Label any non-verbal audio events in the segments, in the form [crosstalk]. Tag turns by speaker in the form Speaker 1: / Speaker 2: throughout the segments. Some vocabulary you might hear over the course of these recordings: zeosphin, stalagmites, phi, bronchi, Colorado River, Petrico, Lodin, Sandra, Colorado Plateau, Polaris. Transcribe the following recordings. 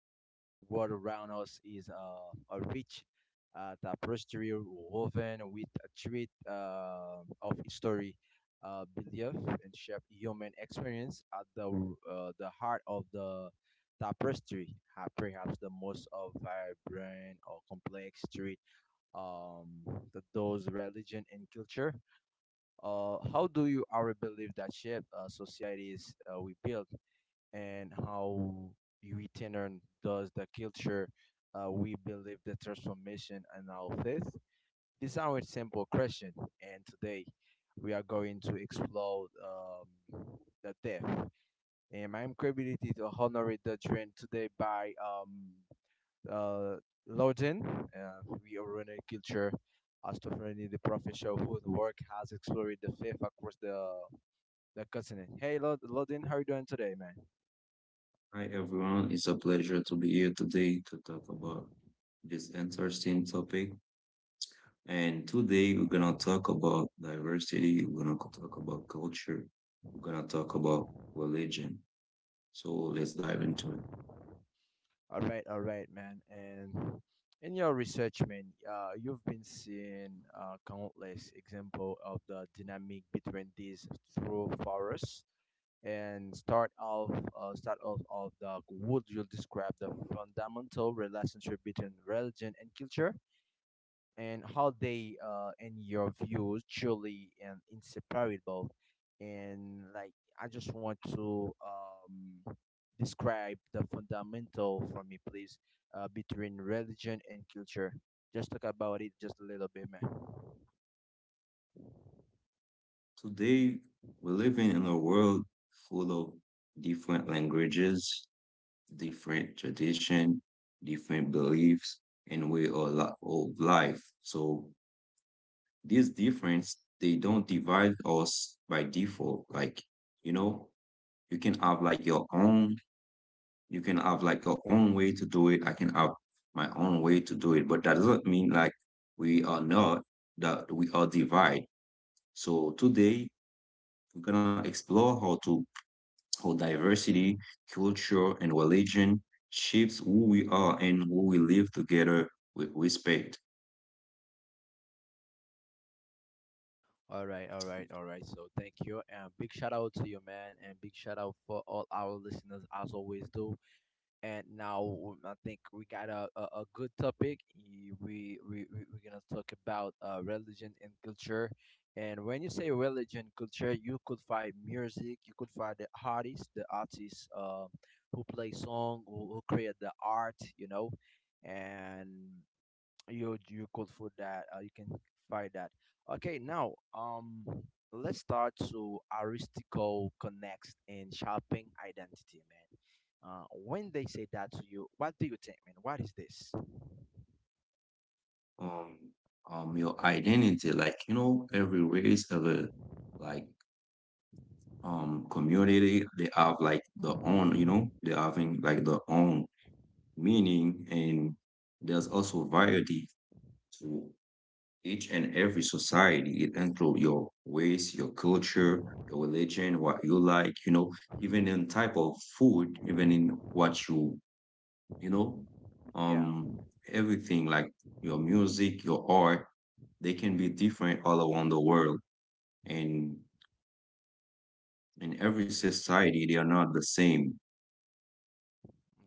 Speaker 1: The world around us is a rich tapestry woven with a thread of history, belief, and shared human experience. At the heart of the tapestry, are perhaps the most vibrant or complex thread, um, that those religion and culture. How do you our believe that shape societies we build? And how we turn does the culture we believe the transformation and our faith? These are a simple question, and today we are going to explore the depth and my credibility to honor the trend today by uh, Loden. We are running a culture as to finding the professor whose work has explored the faith across the continent. Hey, Loden, how are you doing today, man?
Speaker 2: Hi everyone, it's a pleasure to be here today to talk about this interesting topic. And today we're gonna talk about diversity, we're gonna talk about culture, we're gonna talk about religion. So let's dive into it.
Speaker 1: All right, man. And in your research, man, you've been seeing countless example of the dynamic between these through forests. And start off of the would you describe the fundamental relationship between religion and culture? And how they and your views truly and inseparable and like I just want to describe the fundamental for me please between religion and culture, just talk about it just a little bit, man.
Speaker 2: Today we're living in a world full of different languages, different tradition, different beliefs, and way of life. So this difference, they don't divide us, by default, like you know, you can have like your own, way to do it, I can have my own way to do it, but that doesn't mean like we are not that we are divided. So today we're gonna explore how diversity, culture, and religion shapes who we are and who we live together with respect.
Speaker 1: All right, all right, all right, so thank you, and big shout out to you, man, and big shout out for all our listeners, as always do. And now I think we got a good topic. We're going to talk about religion and culture. And when you say religion, culture, you could find music, you could find the artists, who play song, who create the art, you know. And you could for that you can find that okay now let's start to aristico connects and shopping identity, man. When they say that to you, what do you think, man? What is this?
Speaker 2: um your identity, like you know, every race, every, like community, they have like their own, you know, they're having like their own meaning. And there's also variety to each and every society. It includes your race, your culture, your religion, what you like, you know, even
Speaker 1: Hmm?
Speaker 2: in type of food, even in what you know,
Speaker 1: Yeah.
Speaker 2: um everything like your music, your art, they can be different all around the world, and in every society they are not the same.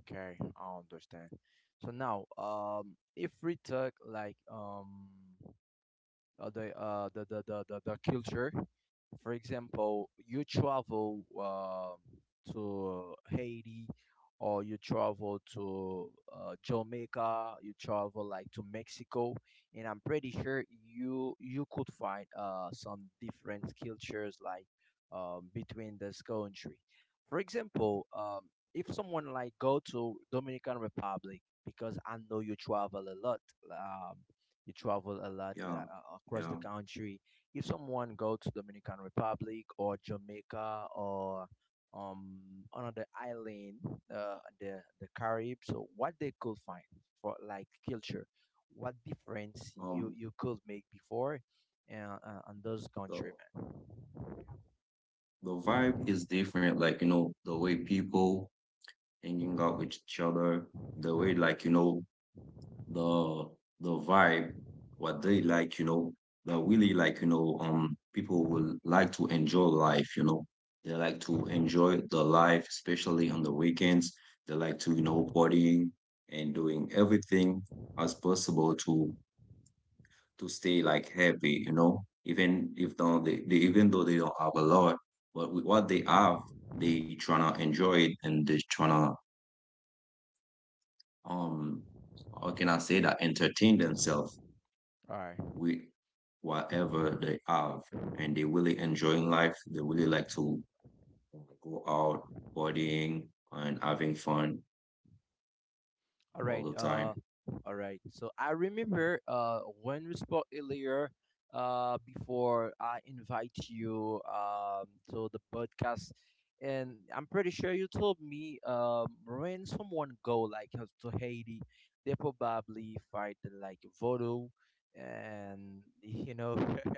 Speaker 1: Okay, I understand. So now if we talk like the culture, for example, you travel to Haiti, or you travel to Jamaica, you travel like to Mexico, and I'm pretty sure you could find some different cultures like between this country. For example, if someone like go to Dominican Republic because I know you travel a lot, um, you travel a lot
Speaker 2: Yeah.
Speaker 1: across
Speaker 2: Yeah.
Speaker 1: the country. If someone go to Dominican Republic or Jamaica or um another island, the Caribbean, so what they could find for like culture, what difference you
Speaker 2: um
Speaker 1: you could make before, on those
Speaker 2: the
Speaker 1: country, man.
Speaker 2: vibe is different, like you know, the way people hanging out with each other, the way, like you know, the vibe, what they like, you know, that really, like, you know, people will like to enjoy life, you know. They like to enjoy the life, especially on the weekends. They like to, you know, partying and doing everything as possible to stay like happy, you know. Even if don't they, even though they don't have a lot, but with what they have, they tryna enjoy it, and they tryna, um how can I say that, entertain themselves
Speaker 1: All right.
Speaker 2: with whatever they have, and they really enjoying life. They really like to go out partying and having fun
Speaker 1: All
Speaker 2: all
Speaker 1: right.
Speaker 2: the time.
Speaker 1: All right. So I remember when we spoke earlier before I invite you to the podcast, and I'm pretty sure you told me when someone go like to Haiti, they probably fight like voodoo, and you know. [laughs]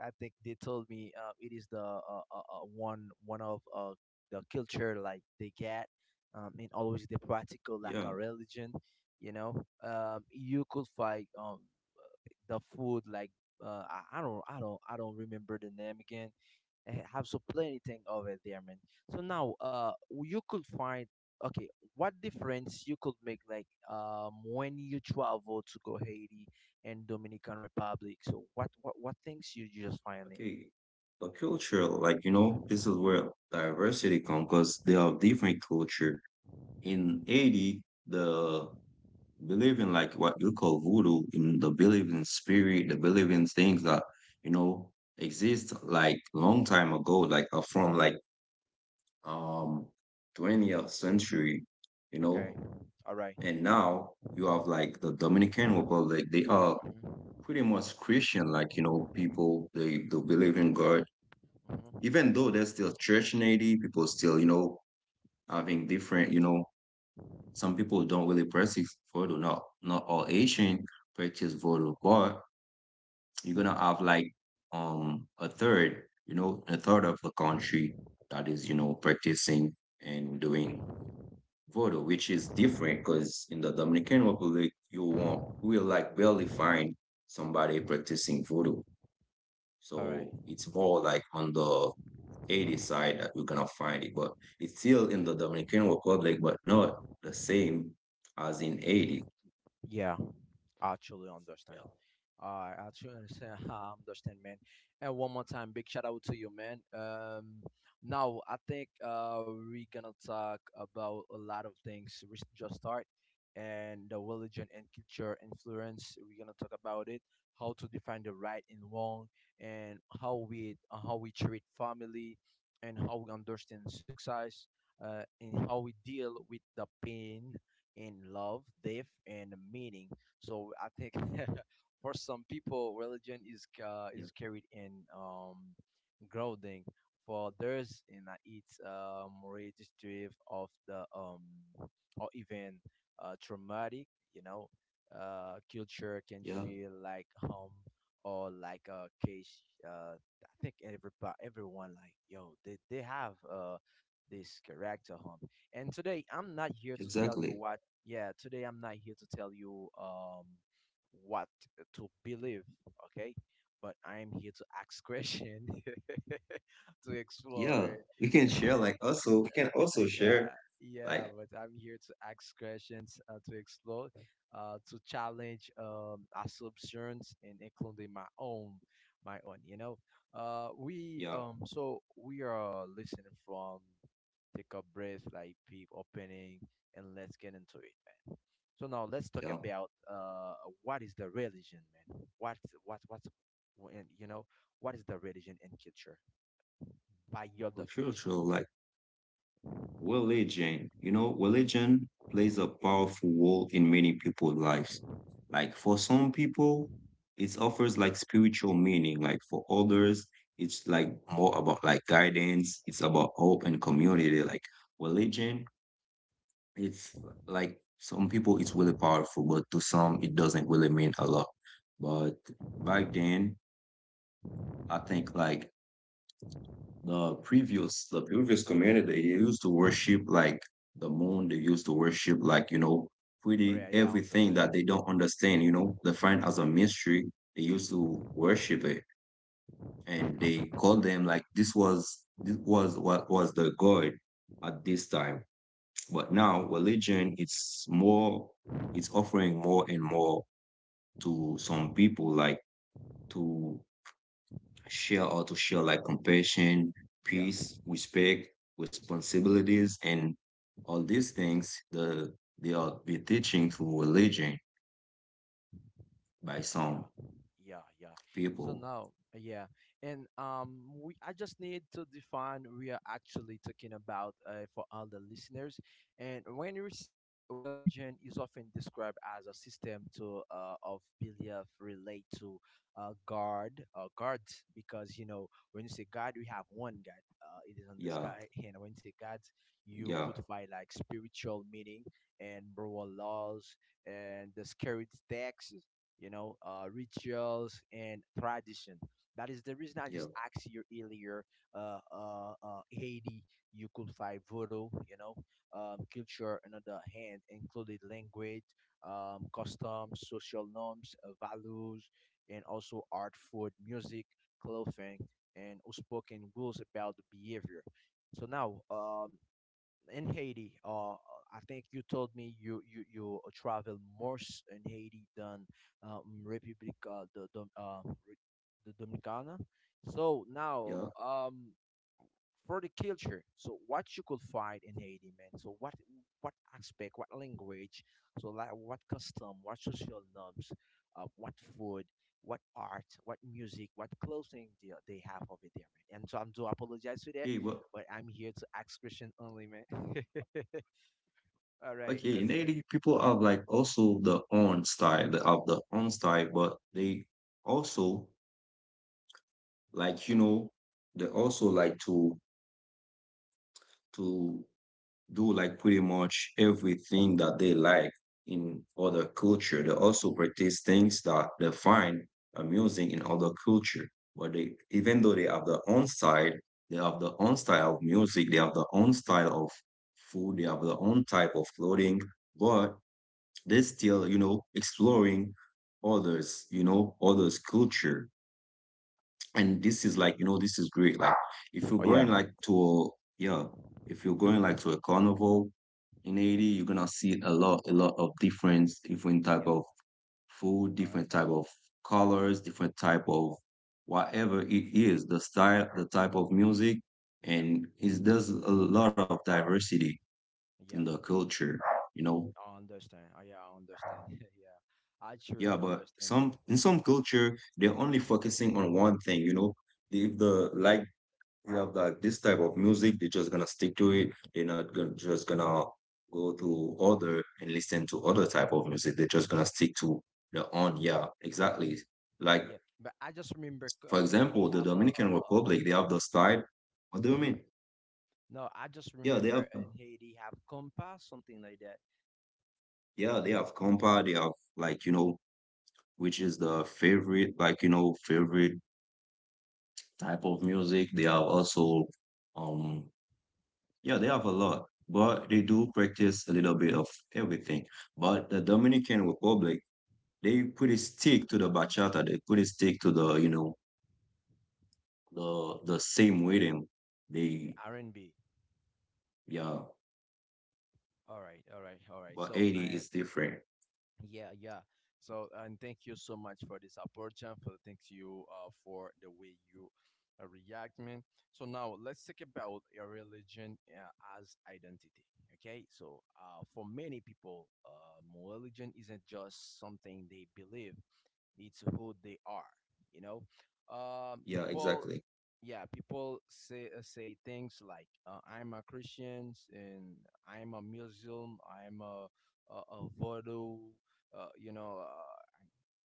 Speaker 1: I think they told me it is the one of the culture like they get, and always the practical like a
Speaker 2: Yeah.
Speaker 1: religion, you know. Um, you could find the food like I don't remember the name again. I have so plenty thing over there, man. So now you could find okay what difference you could make like when you travel to go Haiti and Dominican Republic, so what things you just find it.
Speaker 2: Okay. The culture, like you know, this is where diversity comes because they are different culture. In Haiti, the believe in like what you call voodoo, in the belief in spirit, the believe in things that, you know, exist like long time ago, like from like um 20th century, you
Speaker 1: Okay.
Speaker 2: know,
Speaker 1: All right.
Speaker 2: and now you have like the Dominican Republic. They are
Speaker 1: Mhm.
Speaker 2: pretty much Christian, like you know, people, they believe in God.
Speaker 1: Mhm.
Speaker 2: Even though there's still church native, people still, you know, having different, you know, some people don't really practice voodoo. Not all Asian practice voodoo, but you're gonna have like a third, you know, a third of the country that is, you know, practicing and doing voodoo, which is different, because in the Dominican Republic, you won't will like barely find somebody practicing voodoo.
Speaker 1: All right.
Speaker 2: So it's more like on the 80 side that you're gonna find it, but it's still in the Dominican Republic, but not the same as in 80.
Speaker 1: Yeah. Actually understand.
Speaker 2: Yeah,
Speaker 1: I actually understand. [laughs] I understand, man. And one more time, big shout out to you, man. Now I think we're gonna talk about a lot of things. We should just start, and the religion and culture influence. We're gonna talk about it, how to define the right and wrong, and how we treat family, and how we understand success, and how we deal with the pain and love, death, and meaning. So I think [laughs] for some people, religion
Speaker 2: yeah,
Speaker 1: is carried in grounding. For others, in it's registrative of the or even traumatic. You know, culture
Speaker 2: yeah,
Speaker 1: can feel like home or like a case. I think everybody, everyone, like yo, they have this character home. And today, I'm not here to
Speaker 2: exactly.
Speaker 1: tell you why. Yeah, today I'm not here to tell you what to believe, okay? But I'm here to ask question, [laughs] to explore
Speaker 2: Yeah,
Speaker 1: it.
Speaker 2: we can share
Speaker 1: [laughs]
Speaker 2: like also, we can also share
Speaker 1: Yeah, yeah,
Speaker 2: like,
Speaker 1: but I'm here to ask questions, to explore, to challenge assumptions and including my own, my own. You know, we
Speaker 2: yeah,
Speaker 1: so we are listening from, take a breath, like peep opening, and let's get into it, man. So now let's talk
Speaker 2: yeah,
Speaker 1: about what is the religion, man? What what's you know, what is the religion and culture by your
Speaker 2: for sure,
Speaker 1: definition?
Speaker 2: sure. Like religion, you know, religion plays a powerful role in many people's lives. Like for some people, it offers like spiritual meaning. Like for others, it's like more about like guidance. It's about hope and community. Like religion, it's, like some people it's really powerful, but to some it doesn't really mean a lot. But back then, I think like the previous community, they used to
Speaker 1: Mhm.
Speaker 2: worship like the moon, they used to worship like, you know,
Speaker 1: All
Speaker 2: pretty
Speaker 1: right, yeah, I
Speaker 2: everything
Speaker 1: understand.
Speaker 2: that they don't understand, you know, they find as a mystery, they used to worship it, and they called them like, this was what was the god at this time. But now religion, it's more, it's offering more and more, to some people, like, to share, like compassion,
Speaker 1: Yeah,
Speaker 2: peace, respect, responsibilities, and all these things. The they are be teaching through religion by
Speaker 1: yeah,
Speaker 2: some
Speaker 1: yeah, yeah. So
Speaker 2: people.
Speaker 1: now, yeah, and we I just need to define we are actually talking about for all the listeners. And when we say religion is often described as a system to of belief relate to God, because you know when you say God, we have one God. It is on the
Speaker 2: Yeah,
Speaker 1: sky, [laughs] and when you say God, you
Speaker 2: yeah,
Speaker 1: could find like spiritual meaning and moral laws and the scary texts, you know, rituals and tradition. That is the reason I
Speaker 2: yeah,
Speaker 1: just asked you earlier. Haiti, you could find voodoo, you know, culture. Another hand included language, customs, social norms, values, and also art, food, music, clothing, and spoken rules about behavior. So now, in Haiti, I think you told me you travel more in Haiti than Republic the Dominicana. So now,
Speaker 2: yeah.
Speaker 1: for the culture. So what you could find in Haiti, man. So what aspect, what language, so like what custom, what social norms, what food, what art, what music, what clothing they have over there, man. And so I'm do apologize for that,
Speaker 2: Hey, but
Speaker 1: but I'm here to ask question only, man. [laughs] All right,
Speaker 2: okay, in
Speaker 1: let's.
Speaker 2: Haiti, people have like also the own style. They have the own style, but they also, like you know, they also like to to do like pretty much everything that they like in other culture. They also practice things that they find amusing in other culture. But they, even though they have their own side, they have their own style of music, they have their own style of food, they have their own type of clothing, but they're still, you know, exploring others, you know, others' culture, and this is, like you know, this is great. Like if you're
Speaker 1: Oh yeah.
Speaker 2: going like to a, yeah, if you're going like
Speaker 1: Hmm.
Speaker 2: to a carnival in Haiti, you're gonna see a lot, of different, different type
Speaker 1: Yeah.
Speaker 2: of food,
Speaker 1: All right.
Speaker 2: different type of colors, different type of whatever it is, the style, the type of music,
Speaker 1: Yeah.
Speaker 2: and it's there's a lot of diversity in
Speaker 1: Yeah.
Speaker 2: the culture, you know.
Speaker 1: I understand. Oh, yeah, I understand. [laughs] Yeah. I
Speaker 2: Yeah,
Speaker 1: truly
Speaker 2: but
Speaker 1: understand, man.
Speaker 2: some, in some culture, they're only focusing on one thing, you know. If the like you have the, this type of music, they're just gonna stick to it. They're not gonna, just gonna go to other and listen to other type of music. They're just gonna
Speaker 1: Yeah.
Speaker 2: stick to their own. Yeah, exactly. Like
Speaker 1: Yeah, but I just remember
Speaker 2: for example,
Speaker 1: Haiti
Speaker 2: the
Speaker 1: have a, a,
Speaker 2: Dominican
Speaker 1: a a
Speaker 2: Republic, they
Speaker 1: rhythm.
Speaker 2: have the style. What do you
Speaker 1: Hmm.
Speaker 2: mean?
Speaker 1: No, I just
Speaker 2: Yeah, they
Speaker 1: remember
Speaker 2: have,
Speaker 1: in Haiti have compa, something like that.
Speaker 2: yeah, they have compa, they have like, you know, which is the favorite, like, you know, favorite type of music. They have also, um yeah, they have a lot, but they do practice a little bit of everything. But the Dominican Republic, they pretty stick to the bachata. They pretty stick to the, you know, the same rhythm.
Speaker 1: The
Speaker 2: They,
Speaker 1: R and B.
Speaker 2: yeah,
Speaker 1: All right, all right, all right.
Speaker 2: but
Speaker 1: So
Speaker 2: 80
Speaker 1: and
Speaker 2: is different.
Speaker 1: yeah, yeah. So and thank you so much for this opportunity. For thanks you for the way you react, man. So now let's talk about your religion as identity. Okay, so for many people, religion isn't just something they believe. It's who they are, you know. Um,
Speaker 2: Yeah,
Speaker 1: people,
Speaker 2: exactly.
Speaker 1: yeah, people say say things like I'm a Christian, and I'm a Muslim, I'm a voodoo, you know,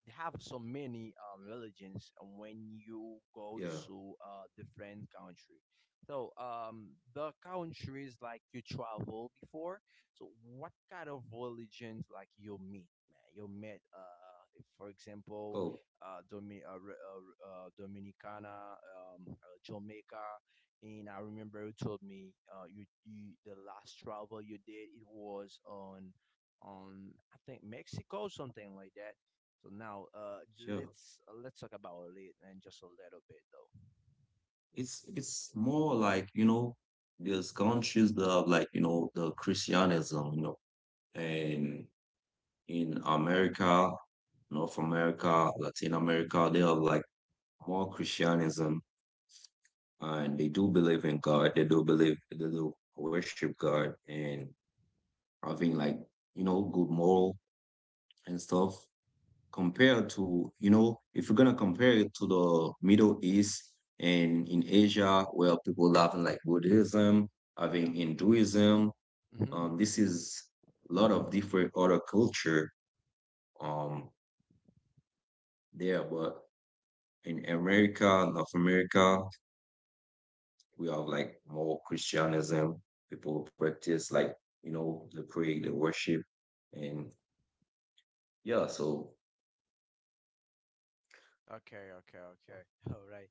Speaker 1: they have so many religions when you go
Speaker 2: Yeah.
Speaker 1: to a different country. So, the countries like you travel before. So, what kind of religions like you meet, man? You met, for example,
Speaker 2: Oh,
Speaker 1: Dominicana, Jamaica, and I remember you told me you the last travel you did it was on I think Mexico, something like that. So now,
Speaker 2: sure.
Speaker 1: let's talk about it and just a little bit though.
Speaker 2: It's more like, you know, there's countries that have like, you know, the Christianism, you know, and in America, North America, Latin America, they have like more Christianism, and they do believe in God. They do believe, they do worship God, and having like, you know, good moral and stuff. Compared to, you know, if you're gonna compare it to the Middle East and in Asia, where people laughing like Buddhism, having
Speaker 1: Yeah.
Speaker 2: Hinduism,
Speaker 1: Mm-hmm.
Speaker 2: this is a lot of different other culture, um there, but in America, North America, we have like more Christianism, people who practice like, you know, the pray, the worship. And yeah, so
Speaker 1: Okay. Okay. Okay. [laughs] All right.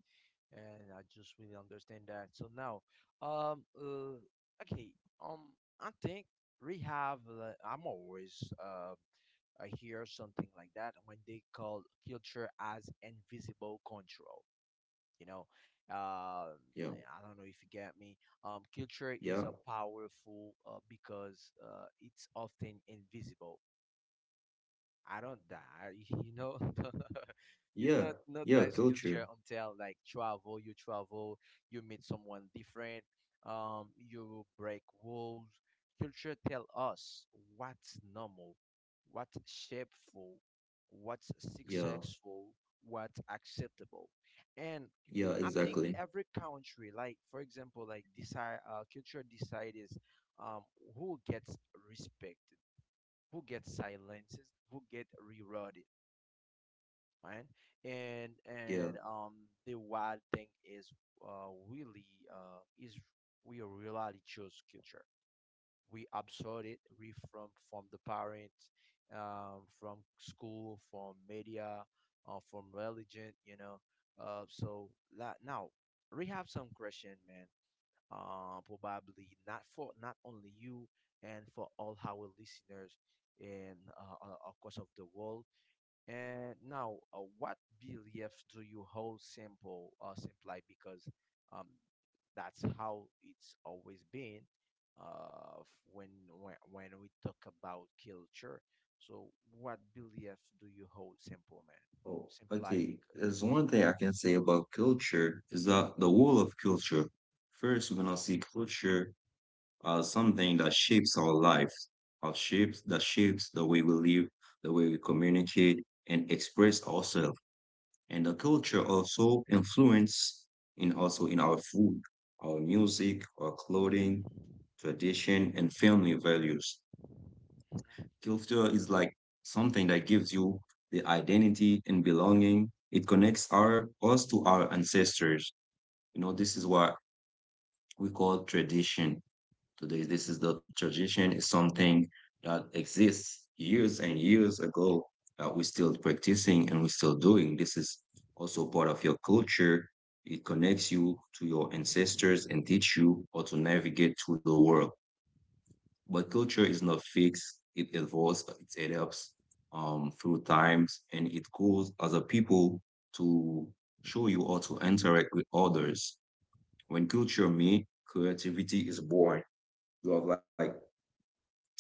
Speaker 1: And I just really understand that. So now, um, uh, okay. Um, I think we have. I'm always I hear something like that when they call culture as invisible control. You know,
Speaker 2: yeah,
Speaker 1: I don't know if you get me. Um, culture is
Speaker 2: yeah,
Speaker 1: a powerful because it's often invisible. I don't die. [laughs] You know, [laughs] you
Speaker 2: yeah,
Speaker 1: don't
Speaker 2: yeah,
Speaker 1: notice
Speaker 2: culture.
Speaker 1: culture until like travel. You travel, you meet someone different. You break rules. Culture tell us what's normal, what's shapeful, what's
Speaker 2: Yeah,
Speaker 1: successful, what's acceptable, and
Speaker 2: yeah,
Speaker 1: I think
Speaker 2: exactly.
Speaker 1: every country, like for example, like decide culture decides um, who gets respect, who get silenced, who get rerouted, right?
Speaker 2: Yeah.
Speaker 1: And The wild thing is really is we really choose culture. We absorb it. We from the parents, from school, from media, from religion. You know. So now we have some question, man, probably not for not only you and for all our listeners in across of the world. And now, what beliefs do you hold simple simply because um, that's how it's always been, when when we talk about culture. So, what beliefs do you hold simple, man?
Speaker 2: Oh,
Speaker 1: Simply
Speaker 2: okay.
Speaker 1: because
Speaker 2: There's one thing I can say about culture, is that the whole of culture. First, we're gonna see culture as something that shapes our lives, our shapes that shapes the way we live, the way we communicate and express ourselves, and the culture also influence in, also in our food, our music, our clothing,
Speaker 1: okay.
Speaker 2: tradition, and family values.
Speaker 1: Mhm,
Speaker 2: Culture is like something that gives you the identity and belonging. It connects our us to our ancestors. You know,
Speaker 1: mhm,
Speaker 2: this is what we call tradition today. This is, the tradition is something that exists years and years ago, that we're still practicing and we're still doing. This is also part of your culture. It connects you to your ancestors and teach you how to navigate through the world. But culture is not fixed. It evolves, it adapts, through times, and it goes as a people to show you how to interact with others. When culture meets creativity is born. You have like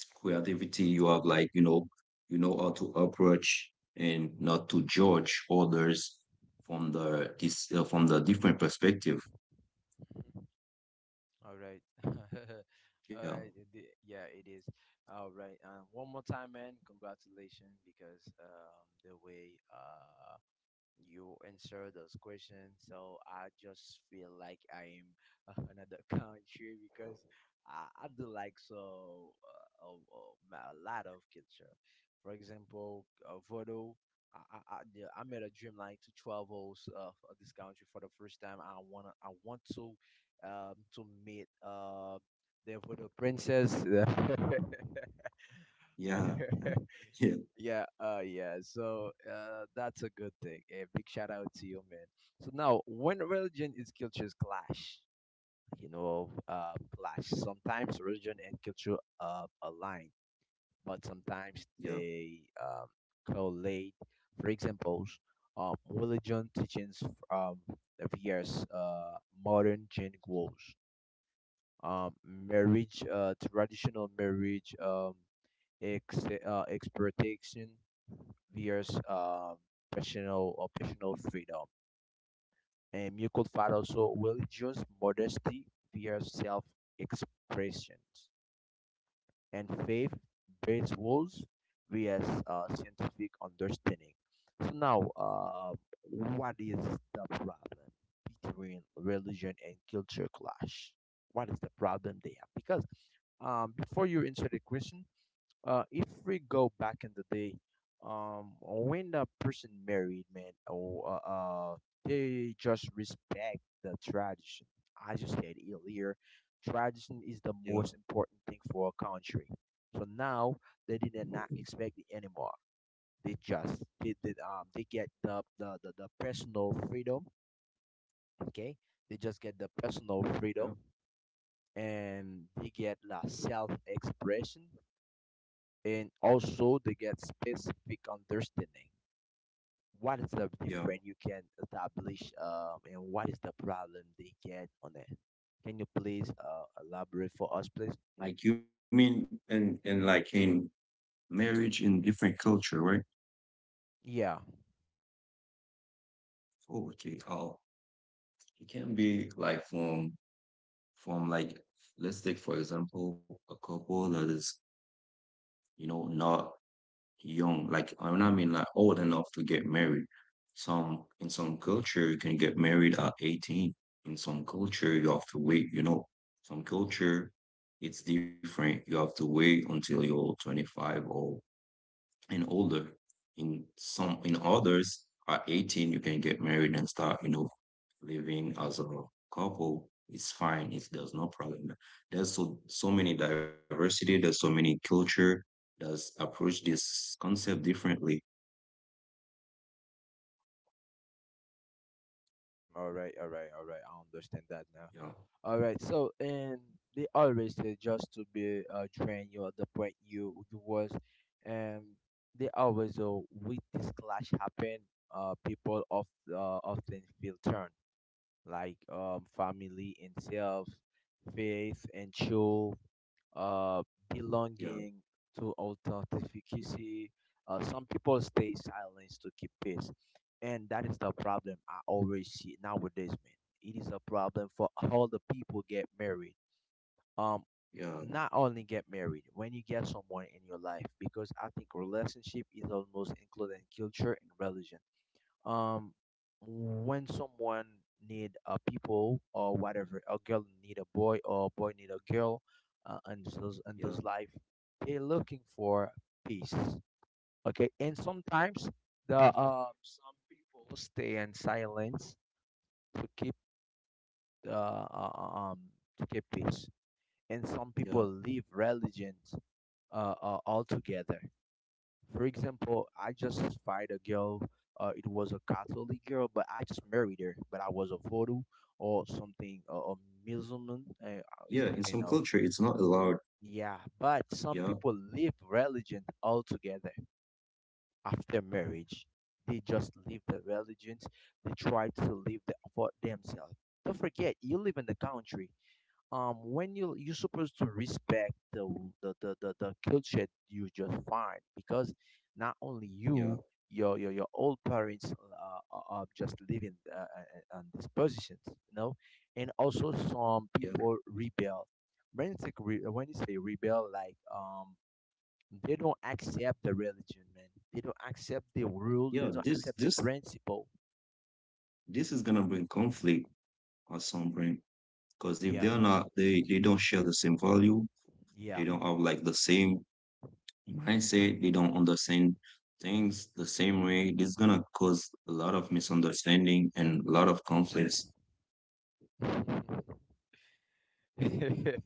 Speaker 2: creativity, you have like, you know, you know how to approach and not to judge others, from the, this from the different perspective.
Speaker 1: mhm. All right. [laughs] All
Speaker 2: Yeah,
Speaker 1: right. Yeah, it is. All right. One more time, man. Congratulations because the way you answer those questions. So I just feel like I am [laughs] another country because I do like so a lot of culture. For example, Voodoo. I made a dream like to travel this country for the first time. I want to meet the voodoo princess.
Speaker 2: yeah,
Speaker 1: [laughs]
Speaker 2: yeah,
Speaker 1: [laughs] Yeah, yeah. So that's a good thing. A big shout out to you, man. So now, when religion is cultures clash, you know, clash. Sometimes religion and culture align, but sometimes
Speaker 2: yeah,
Speaker 1: they collide. For example, religion teachings from the various modern Jane goals, marriage, traditional marriage, ex exploitation versus personal optional freedom. And you could find also religious modesty versus self-expressions and faith-based rules versus scientific understanding. So now, what is the problem between religion and culture clash? What is the problem there? Because before you answer the question, if we go back in the day, when the person married, man, or they just respect the tradition. I just said earlier, tradition is the most
Speaker 2: yeah,
Speaker 1: important thing for a country. So now they did not expect it anymore. They they get the personal freedom. Okay, they just get the personal freedom
Speaker 2: yeah,
Speaker 1: and they get la self expression, and also they get specific understanding. What is the difference
Speaker 2: yeah.
Speaker 1: you can establish, and what is the problem they get on it? Can you please elaborate for us, please?
Speaker 2: Like you mean, and, like in marriage in different culture, right?
Speaker 1: Yeah,
Speaker 2: Oh, okay. Oh, it can be like, from like, let's take for example a couple that is, you know, not young, like I mean, like old enough to get married. Some, in some culture, you can get married at 18. In some culture you have to wait, you know. Some culture, it's different. You have to wait until you're 25 or and older. In some, in others, at 18, you can get married and start, you know, living as a couple. It's fine. It's, there's no problem. There's so many diversity. There's so many culture. Does approach this concept differently.
Speaker 1: all right, all right, all right, I understand that now.
Speaker 2: Yeah,
Speaker 1: All right, so and they always say, just to be train you at the point you you was, and they always with this clash happen, people of often feel turned, like family and self, faith and show, uh,
Speaker 2: yeah,
Speaker 1: belonging to authenticity. Some people stay silent to keep peace, and that is the problem I always see nowadays, man. It is a problem for all the people get married. Um,
Speaker 2: yeah,
Speaker 1: not only get married, when you get someone in your life, because I think relationship is almost including culture and religion. um when someone need a people, or whatever, a girl need a boy or a boy need a girl, and
Speaker 2: yeah,
Speaker 1: those life they're looking for peace. Okay, and sometimes the some people stay in silence to keep uh, uh, um to keep peace, and some people
Speaker 2: yeah,
Speaker 1: leave religion, altogether. For example, I just fired a girl. It was a Catholic girl, but I just married her. But I was a voodoo or something, a Muslim. It's
Speaker 2: yeah. In
Speaker 1: depend
Speaker 2: some
Speaker 1: of.
Speaker 2: culture, it's not allowed.
Speaker 1: Yeah, but
Speaker 2: Yeah,
Speaker 1: some people leave religion altogether after marriage. They just leave the religions. They try to live the, for themselves. Don't forget, you live in the country when you're supposed to respect the culture you just find, because not
Speaker 2: yeah,
Speaker 1: only you, your old parents are just living on these positions, you know. And also some
Speaker 2: yeah,
Speaker 1: people rebel. When it's like when you say rebel, like they don't accept the religion, man. They don't accept the rule,
Speaker 2: yeah.
Speaker 1: they don't accept the principle.
Speaker 2: This is gonna bring conflict at some point. Because if
Speaker 1: Yeah,
Speaker 2: they're not, they don't share the same value, they don't
Speaker 1: yeah.
Speaker 2: have like the same mindset, they don't understand things the same way. This is gonna cause a lot of misunderstanding and a lot of conflicts.
Speaker 1: [laughs]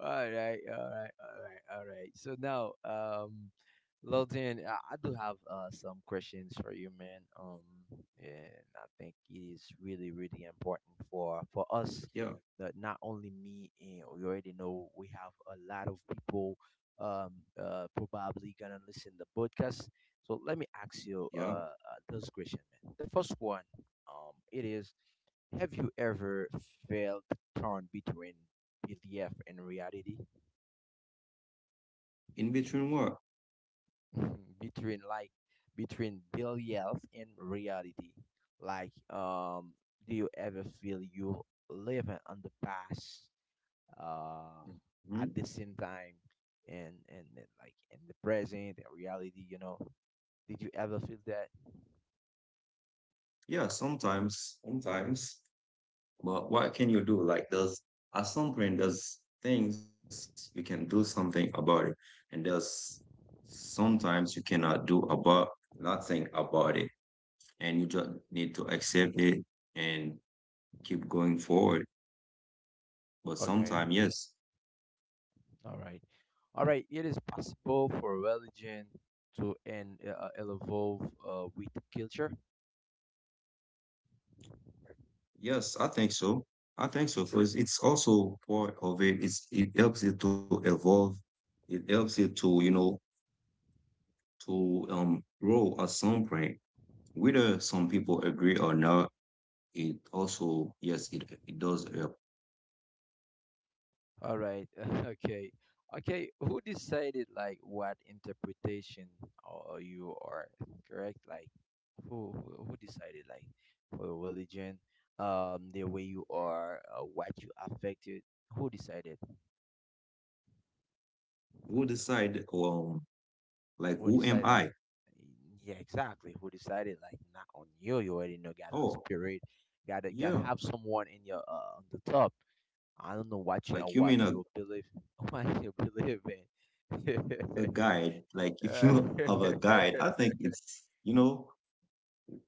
Speaker 1: All right, all right, all right, all right. So now, Lilton, I do have some questions for you, man. And I think it is really, really important for us
Speaker 2: Yeah,
Speaker 1: that not only me, and we already know we have a lot of people um probably gonna listen the podcast. So let me ask you
Speaker 2: yeah.
Speaker 1: this question, man. The first one, it is, have you ever felt torn between belief and reality?
Speaker 2: In between what?
Speaker 1: [laughs] Between like, between belief and reality. Like do you ever feel you living on the past uh
Speaker 2: Hmm.
Speaker 1: at the same time, and and like in the present and reality, you know? Did you ever feel that?
Speaker 2: Yeah, sometimes, sometimes. But what can you do? Like, there's at some point there's things you can do something about it, and there's sometimes you cannot do about nothing about it. And you just need to accept it and keep going forward. But
Speaker 1: Okay.
Speaker 2: sometimes, yes,
Speaker 1: All right. All right. It is possible for religion to and evolve with culture.
Speaker 2: yes, I think so. I think so because it's also part of it. It helps it to evolve. It helps it to to grow at some point. Whether some people agree or not, it also yes, it does help.
Speaker 1: All right. [laughs] Okay. Okay. Who decided like what interpretation or you are correct? Like who decided like for religion, the way you are, what you affected. Who decided?
Speaker 2: Who decide like
Speaker 1: Who
Speaker 2: who am
Speaker 1: decided like?
Speaker 2: I?
Speaker 1: Yeah, exactly. Who decided like not on you? You already know. Got a
Speaker 2: Oh
Speaker 1: spirit. Got to got
Speaker 2: yeah,
Speaker 1: have someone in your on the top. I don't know
Speaker 2: like you
Speaker 1: what
Speaker 2: may not
Speaker 1: you believe [laughs] what you believe in.
Speaker 2: a
Speaker 1: [laughs]
Speaker 2: guide, like if you
Speaker 1: Yeah.
Speaker 2: [laughs] have a guide, I think
Speaker 1: [laughs]
Speaker 2: it's, you know,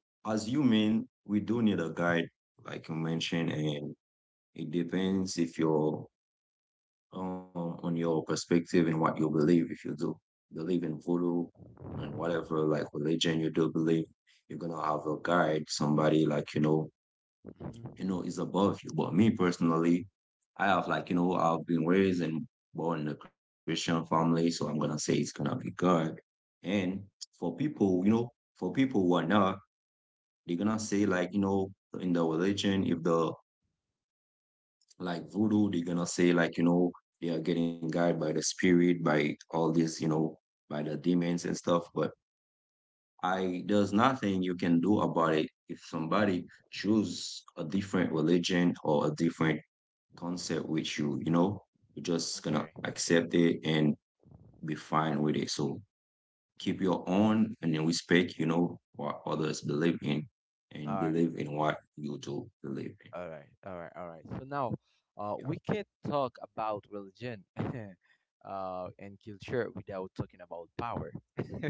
Speaker 2: as human, we do need a guide, like you mentioned, and it depends if you're on your perspective and what you believe. If you do believe in voodoo and whatever like religion you do believe, you're gonna have a guide, somebody like you
Speaker 1: Hmm.
Speaker 2: know, is above you. But me personally, I have like, you know, I've been raised and born in a Christian family, so I'm gonna say it's gonna be God. And for people, you know, for people who are not, they're gonna say like, you know, in the religion, if the like voodoo, they're gonna say like, you know, they are getting guided by the spirit, by all this, you know, by the demons and stuff. But I there's nothing you can do about it if somebody choose a different religion or a different concept with you, you know? You're just
Speaker 1: Okay.
Speaker 2: gonna accept it and be fine with it. So keep
Speaker 1: Hmm.
Speaker 2: your own and then respect, you know, what others believe in
Speaker 1: All
Speaker 2: and
Speaker 1: right.
Speaker 2: believe in what you do believe in.
Speaker 1: All right. All right. All right. So now,
Speaker 2: Yeah.
Speaker 1: we can't talk about religion, [laughs] and culture without talking about power. [laughs]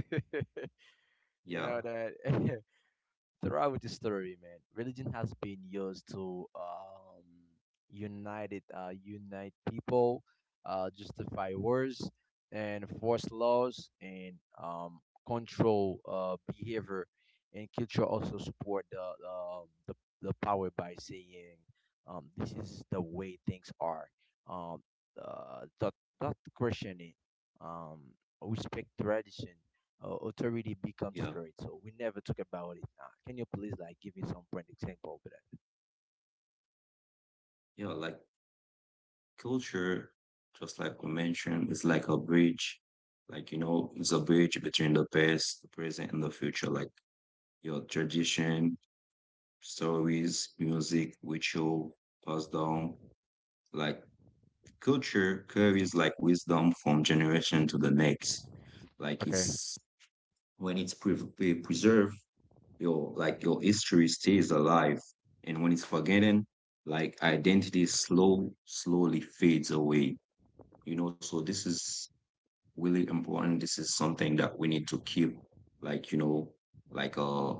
Speaker 1: You
Speaker 2: Yeah.
Speaker 1: know that. [laughs] Throughout the story, man, religion has been used to unite it, unite people, justify wars, and force laws, and control behavior. And culture also support the power by saying, "This is the way things are." Um, not not questioning, um, respect tradition, authority becomes
Speaker 2: Yeah.
Speaker 1: great. So we never talk about it now. Can you please like give me some point example of that?
Speaker 2: Yeah. Like culture, just like we mentioned, it's like a bridge. Like, you know, it's a bridge between the past, the present, and the future. Like your tradition, stories, music, ritual, passed down, like culture carries like wisdom from generation to the next. Like
Speaker 1: Okay.
Speaker 2: it's when it's preserved, your like your history stays alive, and when it's forgotten, like identity slowly fades away. You know, so this is really important. This is something that we need to keep, like you know, like uh,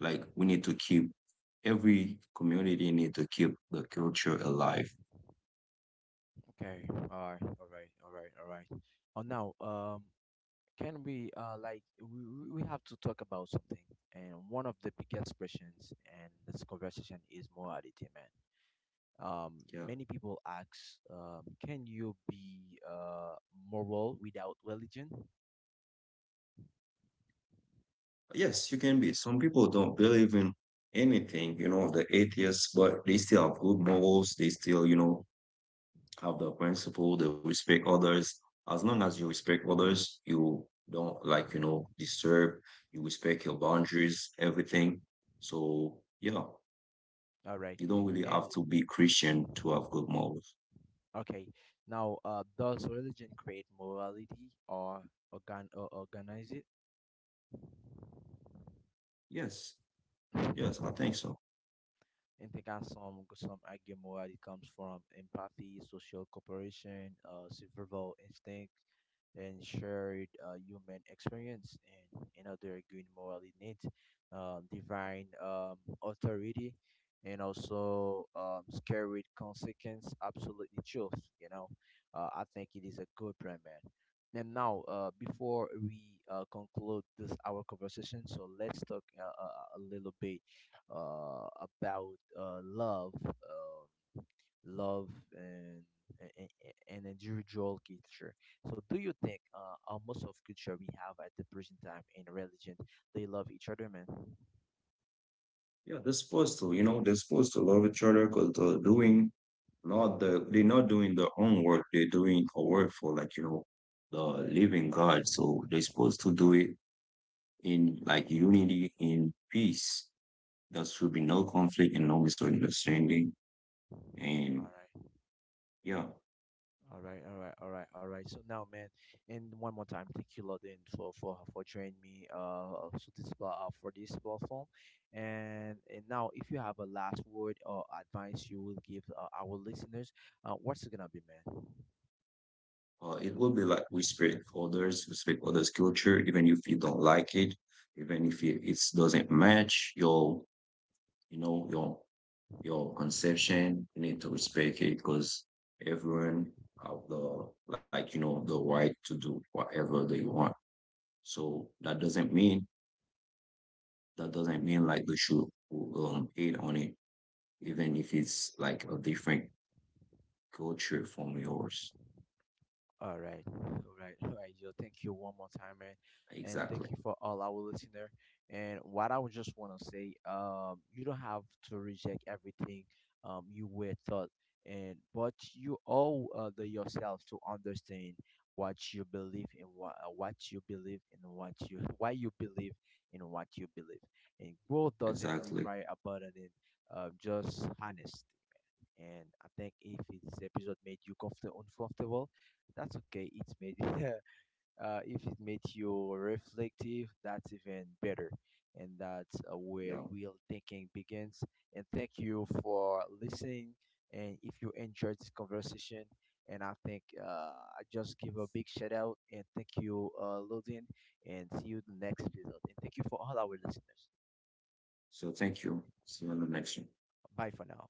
Speaker 2: like we need to keep every community need to keep the culture alive.
Speaker 1: Okay. All right. All right. All right. All right. Oh, now, can we like we have to talk about something, and one of the biggest questions in this conversation is morality, man. Um,
Speaker 2: Yeah.
Speaker 1: many people ask, can you be moral without religion?
Speaker 2: Yes, you can be. Some people don't believe in anything, you know, the atheists, but they still have good morals. They still, you know, have the principle. They respect others. As long as you respect others, you don't like, you know, disturb. You respect your boundaries, everything. So, yeah,
Speaker 1: All right,
Speaker 2: you don't really
Speaker 1: and
Speaker 2: have to be Christian to have good morals.
Speaker 1: okay, now does religion create morality or organize
Speaker 2: Yes,
Speaker 1: it?
Speaker 2: yes, I think
Speaker 1: [laughs]
Speaker 2: so.
Speaker 1: And think, and some argument where it comes from empathy, social cooperation, survival instinct, and shared human experience, and another green morally need, divine authority, and also scary consequence. Absolutely truth. You know, I think it is a good brand, man. And now, before we conclude this our conversation, so let's talk a little bit about love, love and, and and individual culture. So, do you think most of culture we have at the present time in religion, they love each other, man?
Speaker 2: Yeah, they're supposed to, you know, they're supposed to love each other because they're doing not the they're not doing their own work, they're doing a work for like, you know, the living God. So they're supposed to do it in like unity, in peace. There should be no conflict and no misunderstanding. And yeah,
Speaker 1: All right, all right, all right, all right, all right. So now, man, and one more time, thank you, Lodin, for joining me so this, for this platform. And now, if you have a last word or advice you will give our listeners, what's it gonna be, man?
Speaker 2: it will be like respect for others, respect others' culture, even if you don't like it, even if it doesn't match your, you know, your conception, you need to respect it because everyone have the like you know the right to do whatever they want. So that doesn't mean like they should hate on it, even if it's like a different culture from yours.
Speaker 1: All right, all right, all right, yo. Thank you one more time, man, and
Speaker 2: Exactly.
Speaker 1: thank you for all our listener. And what I would just want to say, you don't have to reject everything, you were taught, and but you owe the yourself to understand what you believe in, what you believe in, what you [laughs] why you believe in what you believe. And growth doesn't
Speaker 2: Exactly.
Speaker 1: require abandoning, just honest. And I think if this episode made you comfortable, uncomfortable, that's okay. It made [laughs] if it made you reflective, that's even better. And that's where
Speaker 2: Yeah.
Speaker 1: real thinking begins. And thank you for listening. And if you enjoyed this conversation, and I think I just give a big shout out and thank you, Ludin, and see you in the next episode. And thank you for all our listeners.
Speaker 2: So thank you. See you on the next one.
Speaker 1: Bye for now.